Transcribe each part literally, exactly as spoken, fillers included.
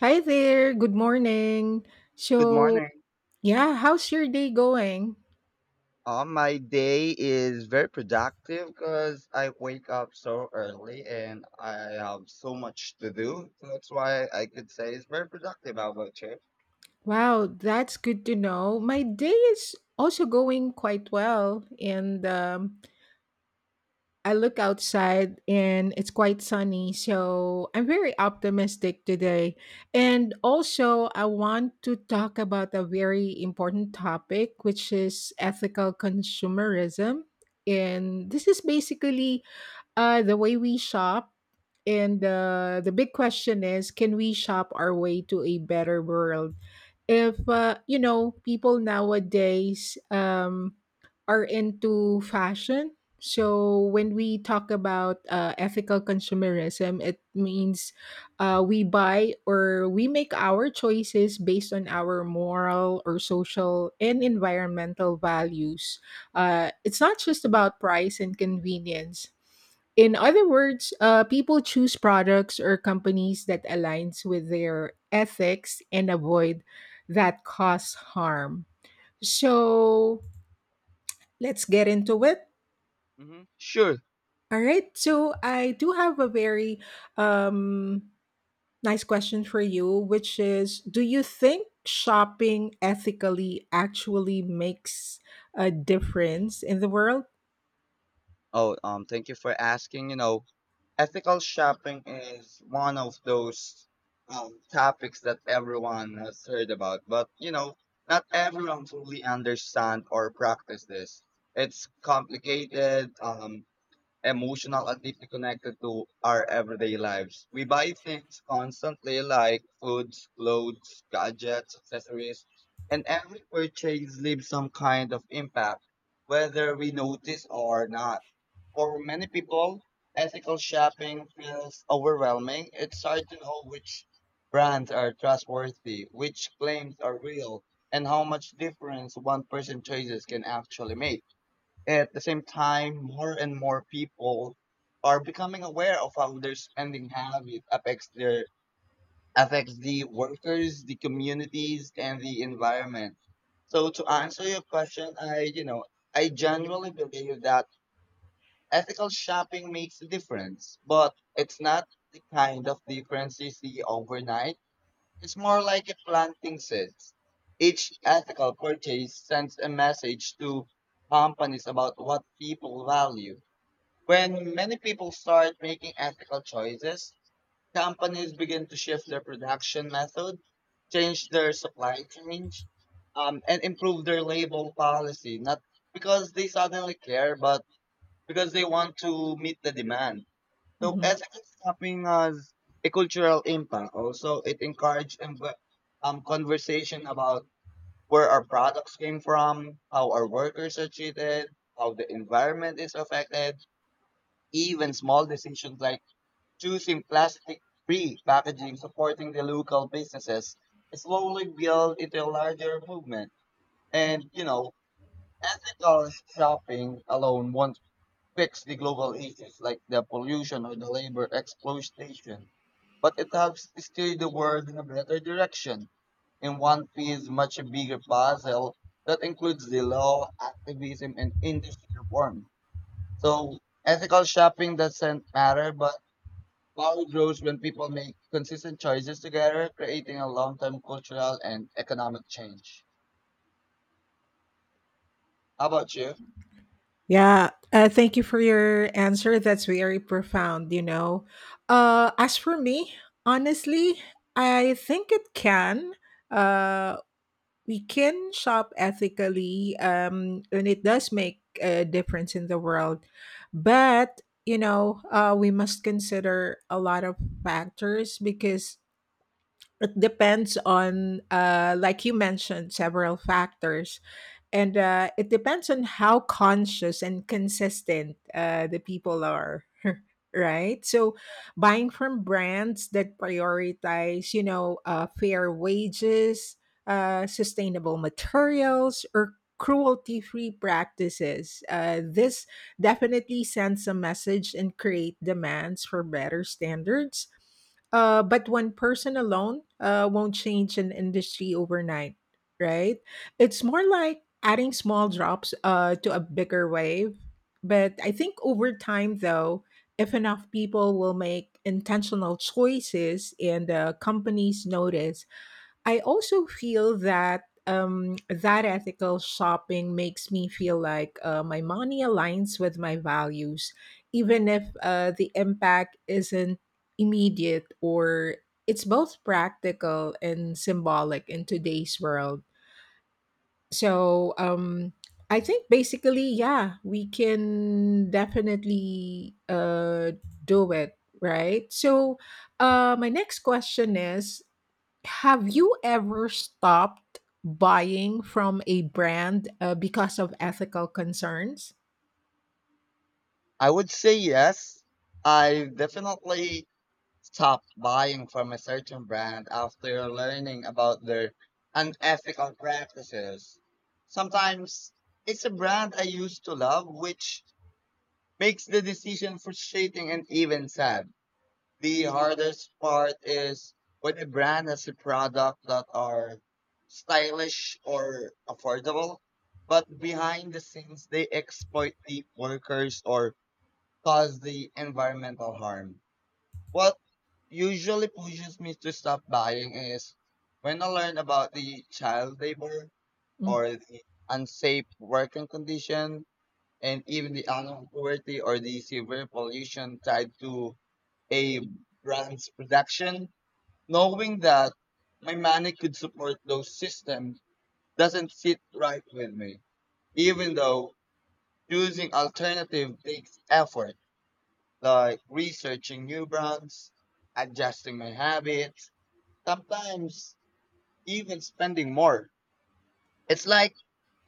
Hi there. Good morning. Good So, morning. yeah, how's your day going? Uh, my day is very productive because I wake up so early and I have so much to do. So that's why I could say it's very productive. How about you? Wow, that's good to know. My day is also going quite well. And um, I look outside and it's quite sunny. So, I'm very optimistic today. And also, I want to talk about a very important topic, which is ethical consumerism. And this is basically Uh, the way we shop, and uh, the big question is, can we shop our way to a better world? If uh, you know, people nowadays um, are into fashion. So when we talk about uh, ethical consumerism, it means uh, we buy or we make our choices based on our moral or social and environmental values. Uh, it's not just about price and convenience. In other words, uh, people choose products or companies that aligns with their ethics and avoid that cause harm. So let's get into it. hmm Sure. All right. So I do have a very um, nice question for you, which is: do you think shopping ethically actually makes a difference in the world? Oh, um, Thank you for asking. You know, ethical shopping is one of those um, topics that everyone has heard about, but you know, not everyone fully understand or practice this. It's complicated. Um, emotional and deeply connected to our everyday lives. We buy things constantly like foods, clothes, gadgets, accessories, and every purchase leaves some kind of impact, whether we notice or not. For many people, ethical shopping feels overwhelming. It's hard to know which brands are trustworthy, which claims are real, and how much difference one person's choices can actually make. At the same time, more and more people are becoming aware of how their spending habit affects their affects the workers, the communities, and the environment. So to answer your question, I you know I genuinely believe that ethical shopping makes a difference, but it's not the kind of difference you see overnight. It's more like a planting seeds. Each ethical purchase sends a message to companies about what people value when many people start making ethical choices, companies begin to shift their production method, change their supply chain, um, and improve their label policy. Not because they suddenly care, but because they want to meet the demand. So Mm-hmm. ethical shopping has a cultural impact. Also, it encourages um, conversation about where our products came from, how our workers are treated, how the environment is affected even small decisions like choosing plastic free packaging, supporting the local businesses, slowly build into a larger movement. And, you know, ethical shopping alone won't fix the global issues like the pollution or the labor exploitation, but it helps steer the world in a better direction. In one piece, much a bigger puzzle that includes the law, activism, and industry reform. So ethical shopping doesn't matter, but power grows when people make consistent choices together, creating a long term cultural and economic change. How about you? Yeah, uh, thank you for your answer. That's very profound, you know. Uh, as for me, honestly, I think it can. Uh, we can shop ethically, um, and it does make a difference in the world. But, you know, uh, we must consider a lot of factors because it depends on, uh, like you mentioned, several factors and uh, it depends on how conscious and consistent uh, the people are. Right, so buying from brands that prioritize, you know uh, fair wages, uh, sustainable materials or cruelty free practices. Uh, this definitely sends a message and create demands for better standards. Uh, but one person alone uh, won't change an industry overnight, right? It's more like adding small drops uh, to a bigger wave. But I think over time, though, if enough people will make intentional choices and uh, companies notice, I also feel that um, that ethical shopping makes me feel like uh, my money aligns with my values, even if uh, the impact isn't immediate, or it's both practical and symbolic in today's world. So um, I think basically, yeah, we can definitely uh, do it, right? So uh, my next question is, have you ever stopped buying from a brand uh, because of ethical concerns? I would say yes. I definitely stopped buying from a certain brand after learning about their unethical practices. Sometimes it's a brand I used to love, which makes the decision frustrating and even sad. The hardest part is when a brand has a product that are stylish or affordable, but behind the scenes they exploit the workers or cause the environmental harm. What usually pushes me to stop buying is when I learn about the child labor Mm. or the unsafe working condition and even the unknown poverty or the severe pollution tied to a brand's production, knowing that my money could support those systems doesn't sit right with me. Even though choosing alternative takes effort, like researching new brands, adjusting my habits, sometimes even spending more. It's like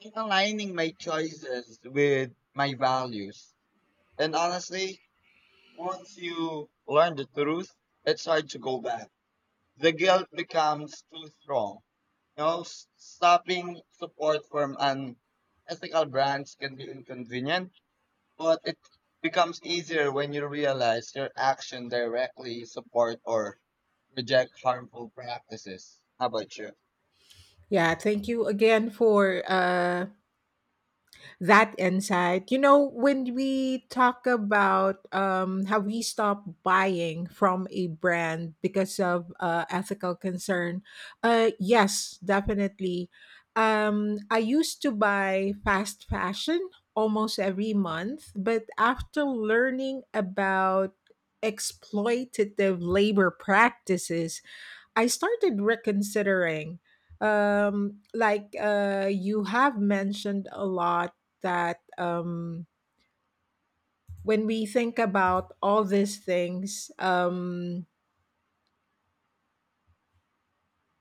I'm aligning my choices with my values. And honestly, once you learn the truth, it's hard to go back. The guilt becomes too strong. You know, s- stopping support from an ethical brands can be inconvenient, but it becomes easier when you realize your action directly support or reject harmful practices. How about you? Yeah, thank you again for uh, that insight. You know, when we talk about um, how we stop buying from a brand because of uh, ethical concern, uh, yes, definitely. Um, I used to buy fast fashion almost every month, but after learning about exploitative labor practices I started reconsidering. Um, like uh, you have mentioned a lot that um, when we think about all these things, um,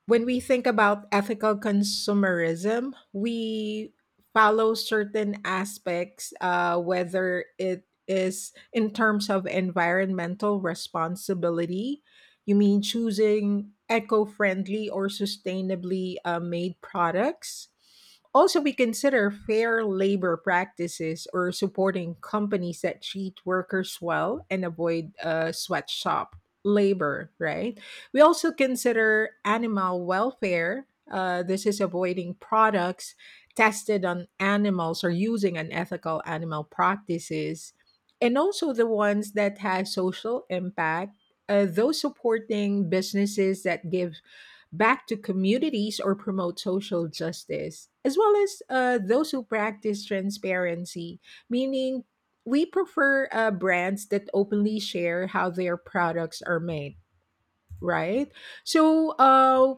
when we think about ethical consumerism, we follow certain aspects, uh, whether it is in terms of environmental responsibility. You mean choosing eco friendly or sustainably uh, made products? Also, we consider fair labor practices or supporting companies that treat workers well and avoid uh, sweatshop labor, right? We also consider animal welfare. Uh, this is avoiding products tested on animals or using unethical animal practices, and also the ones that has social impact. Uh, those supporting businesses that give back to communities or promote social justice, as well as uh, those who practice transparency, meaning we prefer uh, brands that openly share how their products are made, right? So uh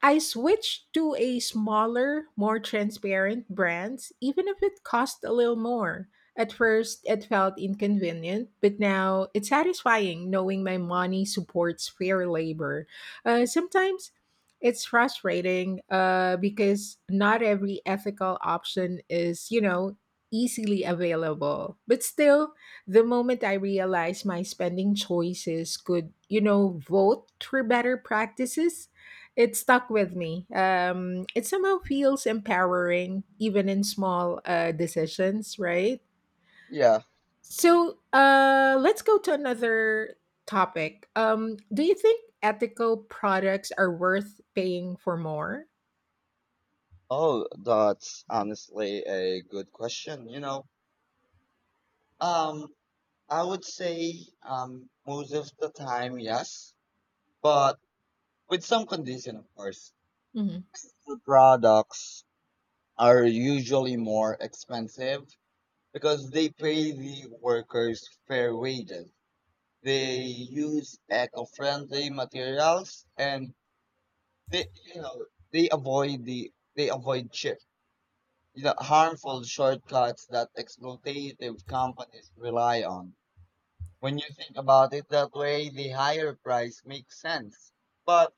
I switched to a smaller, more transparent brands, even if it cost a little more. At first, it felt inconvenient, but now it's satisfying knowing my money supports fair labor. Uh, sometimes it's frustrating uh, because not every ethical option is, you know, easily available. But still, the moment I realized my spending choices could, you know, vote for better practices, it stuck with me. Um, it somehow feels empowering, even in small uh, decisions, right? Yeah. So uh, let's go to another topic. Um, do you think ethical products are worth paying for more? Oh, that's honestly a good question. You know, um, I would say um, most of the time, yes, but With some condition, of course. Mhm. Food products are usually more expensive because they pay the workers fair wages. They use eco-friendly materials and they, you know, they avoid the they avoid cheap, you know, harmful shortcuts that exploitative companies rely on. When you think about it that way, the higher price makes sense. But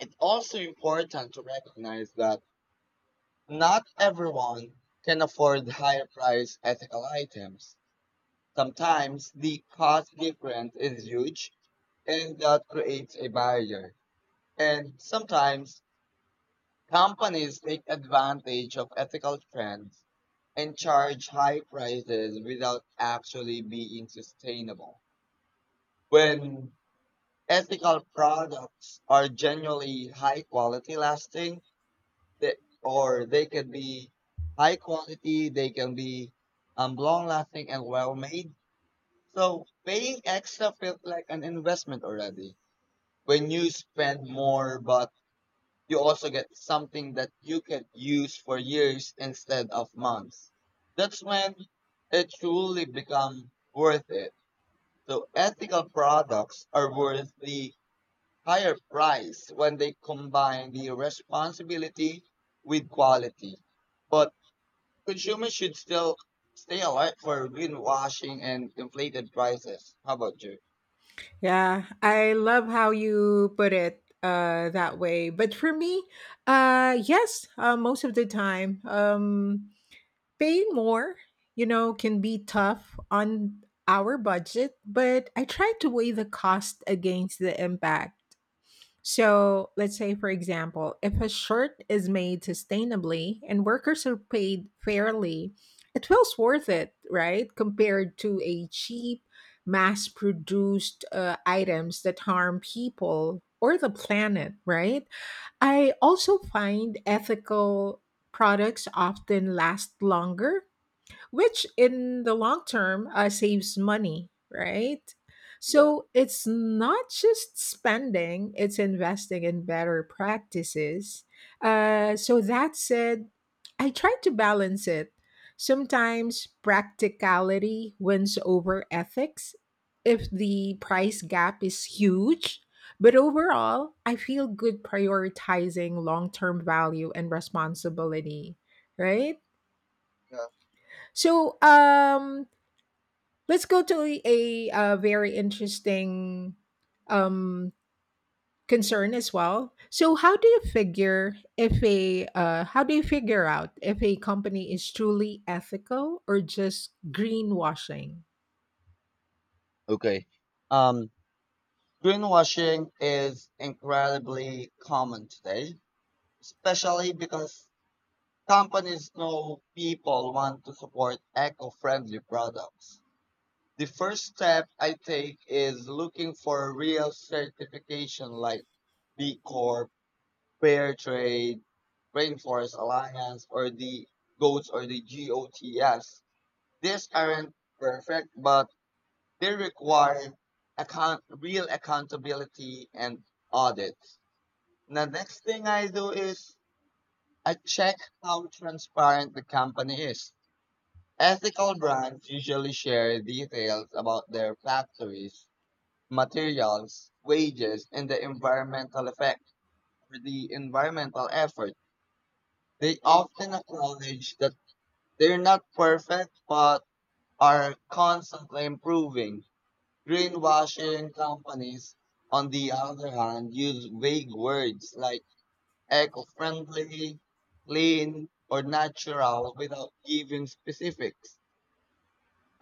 it's also important to recognize that Not everyone can afford higher priced ethical items. Sometimes the cost difference is huge and that creates a barrier. And sometimes companies take advantage of ethical trends and charge high prices without actually being sustainable. When ethical products are generally high quality lasting, They, or they can be high quality, they can be um, long lasting and well made. So paying extra feels like an investment already. When you spend more, but you also get something that you can use for years instead of months. That's when it truly become worth it. So ethical products are worth the higher price when they combine the responsibility with quality. But Consumers should still stay alert for greenwashing and inflated prices. How about you? Yeah, I love how you put it uh, that way. But for me, uh, yes, uh, most of the time. Um, Paying more, you know, can be tough on our budget, but I try to weigh the cost against the impact. So, let's say, for example, if a shirt is made sustainably and workers are paid fairly, it feels worth it, right? Compared to a cheap, mass produced uh, items that harm people or the planet, right? I also find ethical products often last longer, which in the long term uh, saves money, right? Yeah, So it's not just spending, it's investing in better practices. Uh, so that said, I try to balance it. Sometimes practicality wins over ethics if the price gap is huge. But overall, I feel good prioritizing long term value and responsibility, right? yeah, So, um, let's go to a, uh very interesting um, concern as well. So, how do you figure if a uh, how do you figure out if a company is truly ethical or just greenwashing? okay. Um, Greenwashing is incredibly common today, especially because companies know people want to support eco-friendly products. The first step I take is looking for a real certification like B Corp, fair trade, rainforest alliance, or the G O A T S or the G O T S. These aren't perfect, but they require account real accountability and audits. The next thing I do is I check how transparent the company is. Ethical brands usually share details about their factories, materials, wages, and the environmental effect or the environmental effort. They often acknowledge that they're not perfect but are constantly improving. Greenwashing companies, on the other hand, use vague words like eco friendly, clean, or natural without giving specifics.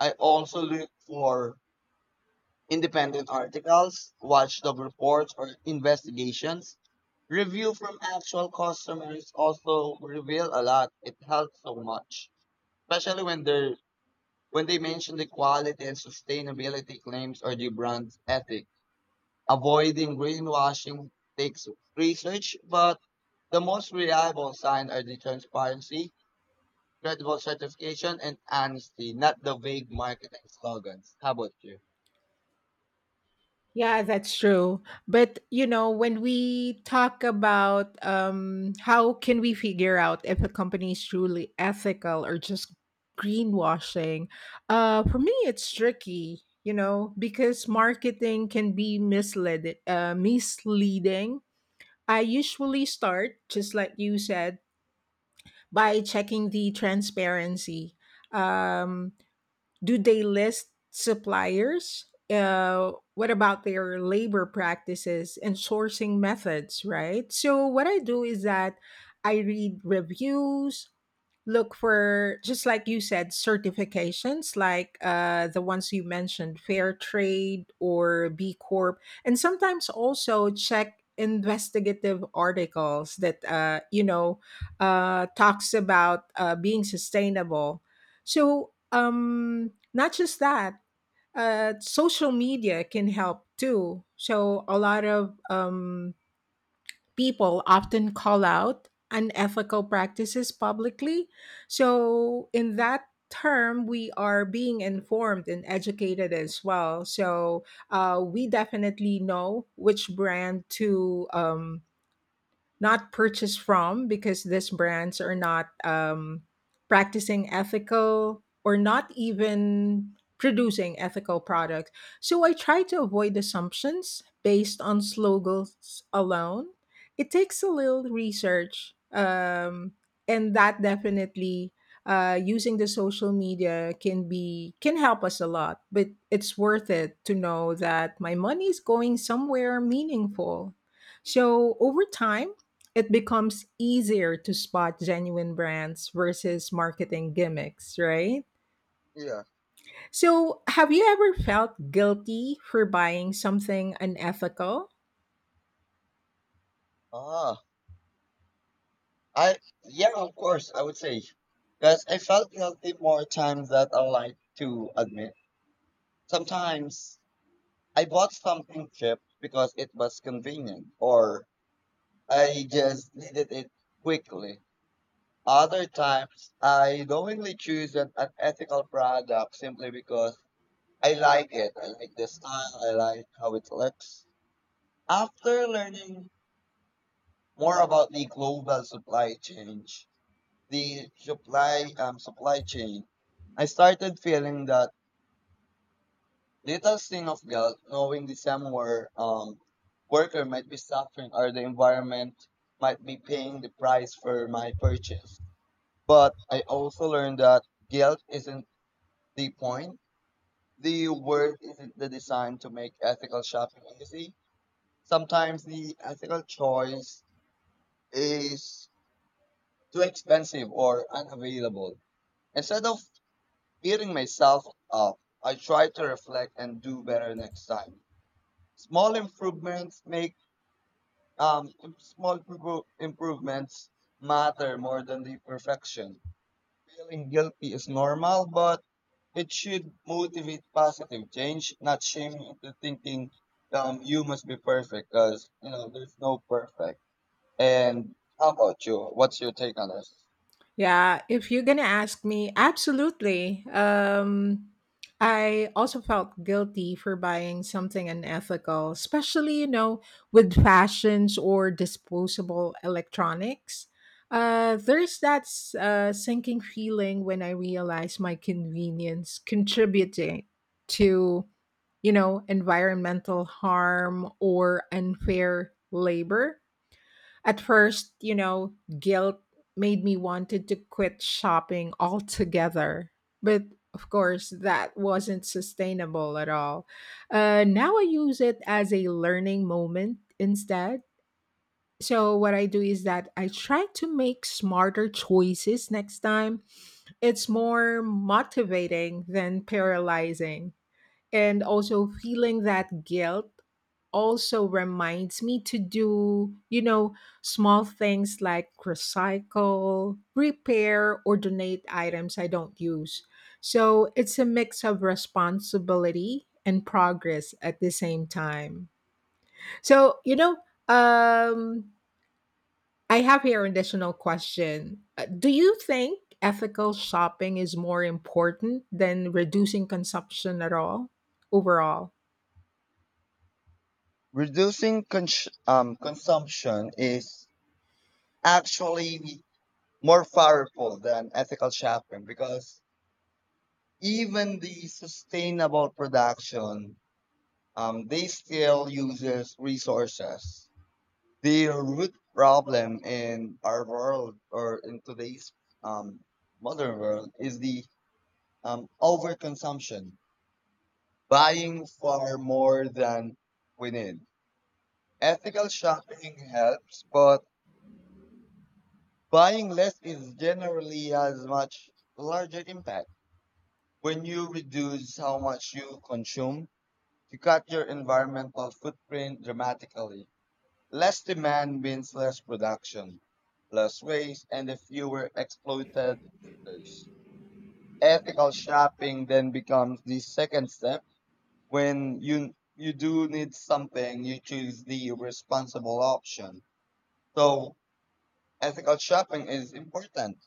I also look for independent articles, watchdog reports, or investigations. Review from actual customers also reveal a lot. It helps so much, especially when they when they mention the quality and sustainability claims or the brand's ethic. Avoiding greenwashing takes research, but the most reliable sign are the transparency, credible certification, and honesty, not the vague marketing slogans. How about you? Yeah, that's true. But you know, when we talk about um, how can we figure out if a company is truly ethical or just greenwashing, uh, for me, it's tricky. You know, because marketing can be misled, uh, misleading. I usually start just like you said by checking the transparency. Um, do they list suppliers? Uh, what about their labor practices and sourcing methods, right? So, what I do is that I read reviews, look for just like you said certifications like uh, the ones you mentioned fair trade or b corp, and sometimes also check investigative articles that uh, you know uh, talks about uh, being sustainable. So um, not just that, uh, social media can help too, so a lot of um, people often call out unethical practices publicly. So, in that term, we are being informed and educated as well. So, uh, we definitely know which brand to um, not purchase from because these brands are not um, practicing ethical or not even producing ethical products. So I try to avoid assumptions based on slogans alone. It takes a little research, um, and that definitely. Uh, using the social media can be can help us a lot, but it's worth it to know that my money is going somewhere meaningful, so over time it becomes easier to spot genuine brands versus marketing gimmicks, right? Yeah. So, have you ever felt guilty for buying something unethical? Ah, I Yeah, of course, I would say. Because I felt guilty more times than I like to admit. Sometimes I bought something cheap because it was convenient, or I just needed it quickly. Other times, I knowingly choose an unethical product simply because I like it. I like the style, I like how it looks. After learning more about the global supply chain, the supply um, supply chain, I started feeling that little sting of guilt, knowing the somewhere um, worker might be suffering or the environment might be paying the price for my purchase. But I also learned that guilt isn't the point. The word isn't the design to make ethical shopping easy. Sometimes the ethical choice is too expensive or unavailable. Instead of beating myself up, I try to reflect and do better next time. Small improvements make um im- small provo- improvements matter more than the perfection. Feeling guilty is normal, but it should motivate positive change, not shame you into thinking um, you must be perfect because, you know, there's no perfect. And how about you? What's your take on this? Yeah, if you're gonna ask me, absolutely. Um, I also felt guilty for buying something unethical, especially, you know, with fashions or disposable electronics. Uh, there's that s- uh, sinking feeling when I realize my convenience contributing to, you know, environmental harm or unfair labor. At first, you know, guilt made me wanted to quit shopping altogether. But of course, that wasn't sustainable at all. Uh, now I use it as a learning moment instead. So, what I do is that I try to make smarter choices next time. It's more motivating than paralyzing, and also feeling that guilt also reminds me to do, you know, small things like recycle repair or donate items I don't use. So it's a mix of responsibility and progress at the same time. So, you know um I have here an additional question. Uh, do you think ethical shopping is more important than reducing consumption at all overall? Reducing cons- um, consumption is actually more powerful than ethical shopping because even the sustainable production, um, they still uses resources. The root problem in our world or in today's um, modern world is the um, overconsumption, buying far more than we need. Ethical shopping helps, but buying less is generally as much larger impact. When you reduce how much you consume, you cut your environmental footprint dramatically. Less demand means less production, less waste, and the fewer exploited workers. Ethical shopping then becomes the second step. When you you do need something, you choose the responsible option. So ethical shopping is important,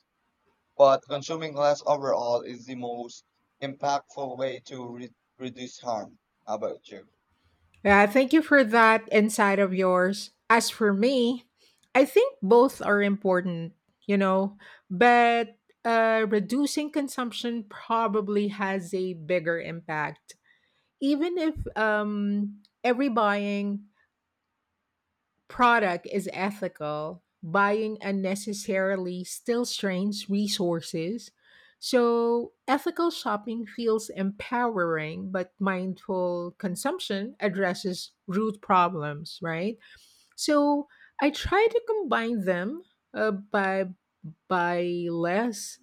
but consuming less overall is the most impactful way to re- reduce harm. How about you? Yeah, thank you for that insight of yours. As for me, I think both are important, you know, but uh, reducing consumption probably has a bigger impact. Even if um, every buying product is ethical, buying unnecessarily still strains resources. So, ethical shopping feels empowering, but mindful consumption addresses root problems, right? So, I try to combine them uh, by by less,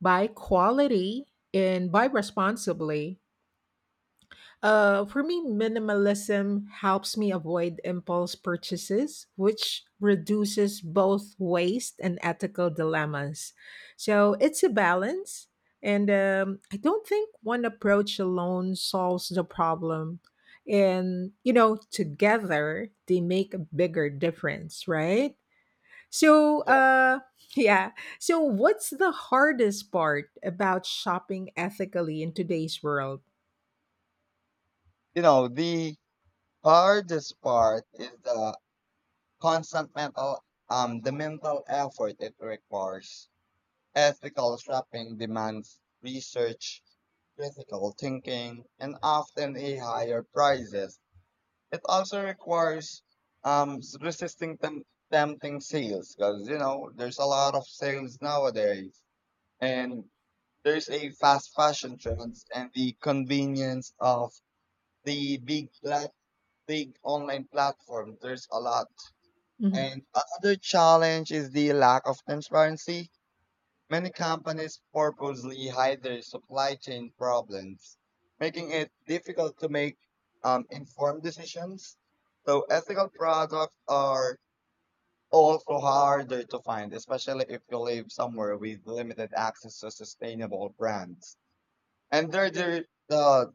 by quality, and by responsibly. Uh, for me, minimalism helps me avoid impulse purchases, which reduces both waste and ethical dilemmas. So it's a balance. And um, I don't think one approach alone solves the problem. And, you know, together they make a bigger difference, right? So, Yeah. uh, yeah. So, what's the hardest part about shopping ethically in today's world? You know, the hardest part is the constant mental um the mental effort it requires. Ethical shopping demands research, critical thinking, and often a higher prices. It also requires um s- resisting tem- tempting sales because you know there's a lot of sales nowadays and there's a fast fashion trends and the convenience of the big plat- big online platform. There's a lot Mm-hmm. and another challenge is the lack of transparency. Many companies purposely hide their supply chain problems, making it difficult to make um, informed decisions. So ethical products are also harder to find, especially if you live somewhere with limited access to sustainable brands. And there, there the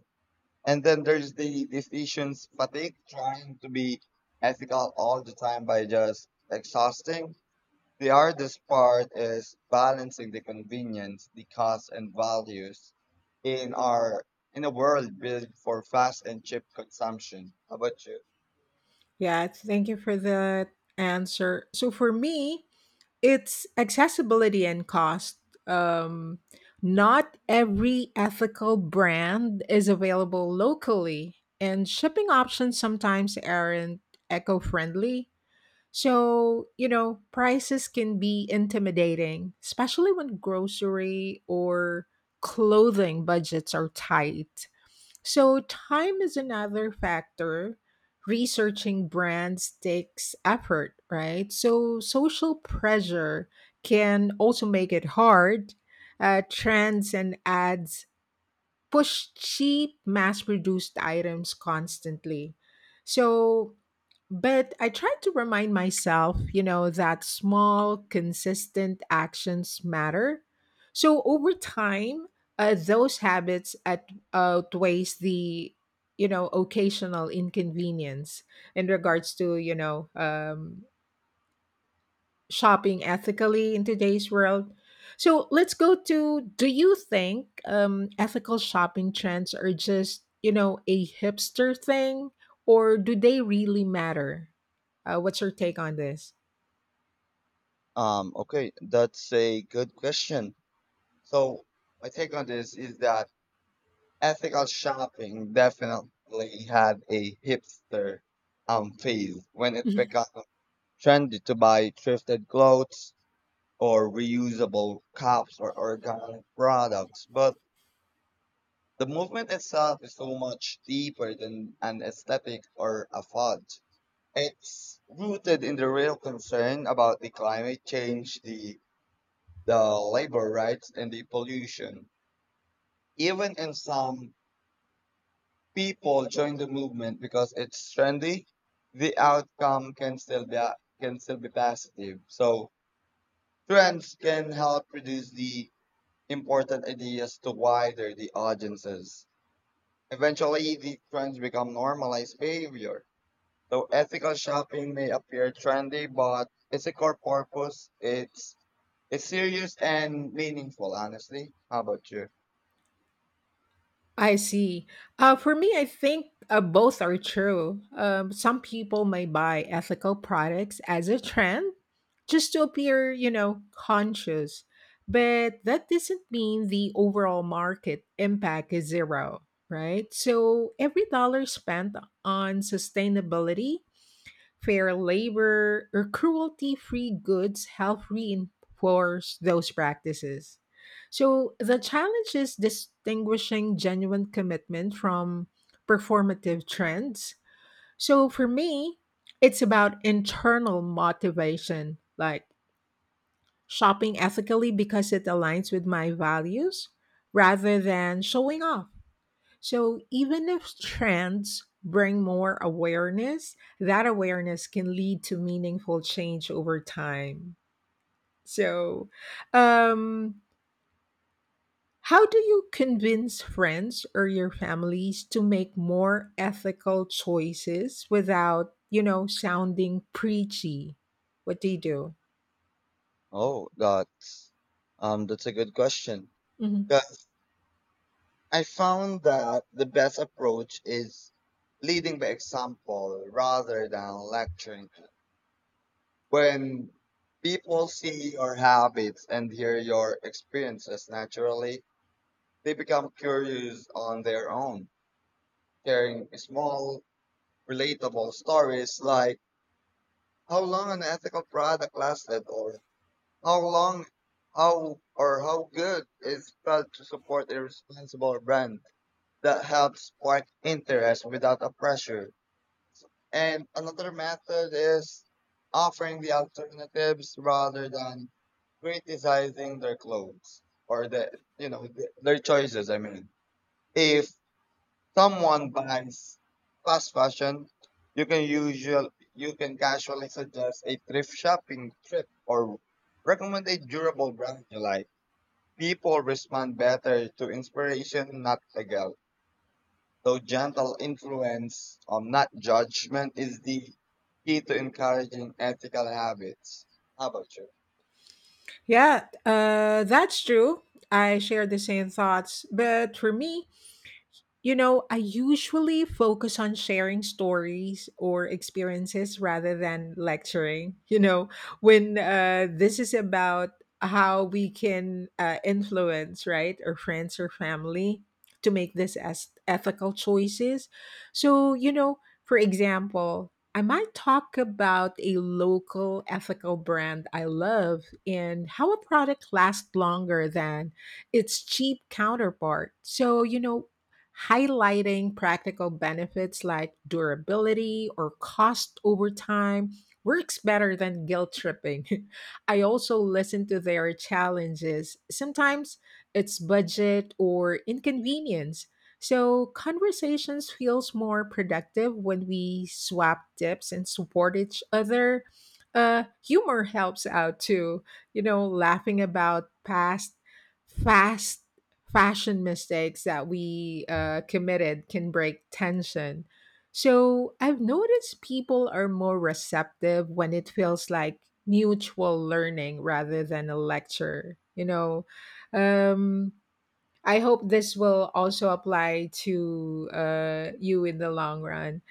and then there's the decisions fatigue, trying to be ethical all the time by just exhausting the hardest part is balancing the convenience, the cost, and values in our in a world built for fast and cheap consumption. How about you? Yeah, thank you for the answer. So for me, it's accessibility and cost. Um, not every ethical brand is available locally, and shipping options sometimes aren't eco friendly. So, you know, prices can be intimidating, especially when grocery or clothing budgets are tight. So, time is another factor. Researching brands takes effort, right? So, social pressure can also make it hard. Uh, trends and ads push cheap mass produced items constantly. So, but I try to remind myself, you know, that small, consistent actions matter. So over time, uh, those habits at, outweighs the, you know, occasional inconvenience in regards to, you know, um, shopping ethically in today's world. So let's go to, do you think um, ethical shopping trends are just, you know, a hipster thing or do they really matter? Uh, what's your take on this? Um, okay, that's a good question. So my take on this is that ethical shopping definitely had a hipster um phase when it became trendy to buy thrifted clothes or reusable cups or organic products, but the movement itself is so much deeper than an aesthetic or a fad. It's rooted in the real concern about the climate change, the the labor rights, and the pollution. Even in some people join the movement because it's trendy, the outcome can still be can still be positive. So trends can help reduce the important ideas to wider the audiences. Eventually, the trends become normalized behavior. So ethical shopping may appear trendy, but its a core purpose. It's it's serious and meaningful. Honestly, how about you? I see. Uh, for me, I think uh, both are true. Um, some people may buy ethical products as a trend just to appear, you know, conscious. But that doesn't mean the overall market impact is zero, right? So every dollar spent on sustainability, fair labor or cruelty free goods help reinforce those practices. So the challenge is distinguishing genuine commitment from performative trends. So for me, it's about internal motivation, like shopping ethically because it aligns with my values rather than showing off. So, even if trends bring more awareness, that awareness can lead to meaningful change over time. So, um, how do you convince friends or your families to make more ethical choices without, you know, sounding preachy? What do you do? Oh, that's um that's a good question. Mhm. Because I found that the best approach is leading by example rather than lecturing. When people see your habits and hear your experiences naturally, they become curious on their own. Sharing small relatable stories like how long an ethical product lasted or how long how or how good it felt to support a responsible brand that helps spark interest without a pressure. And another method is offering the alternatives rather than criticizing their clothes or the you know th- their choices. I mean, if someone buys fast fashion, you can usual you can casually suggest a thrift shopping trip or recommend a durable brand you like. People respond better to inspiration, not a guilt. So gentle influence, um, not judgment, is the key to encouraging ethical habits. How about you? Yeah, uh, that's true. I share the same thoughts. But for me, you know, I usually focus on sharing stories or experiences rather than lecturing. You know, when uh, this is about how we can uh, influence, right, our friends or family to make this as ethical choices. So, you know, for example, I might talk about a local ethical brand I love and how a product lasts longer than its cheap counterpart. So, you know, highlighting practical benefits like durability or cost over time works better than guilt tripping. I also listen to their challenges. Sometimes it's budget or inconvenience. So conversations feels more productive when we swap tips and support each other. Uh, humor helps out too. You know, laughing about past fast fashion mistakes that we uh, committed can break tension. So I've noticed people are more receptive when it feels like mutual learning rather than a lecture. You know, um, I hope this will also apply to uh, you in the long run.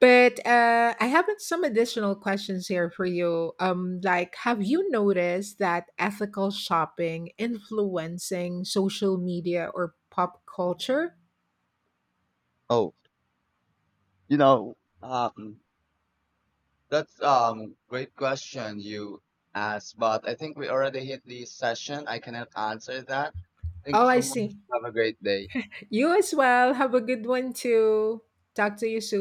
But uh, I have like some additional questions here for you. Um, like, have you noticed that ethical shopping influencing social media or pop culture? Oh, you know, um, That's um Great question you asked, but I think we already hit the session. I cannot answer that. Thank Oh, you I so much. see. Have a great day. You as well. Have a good one too. Talk to you soon.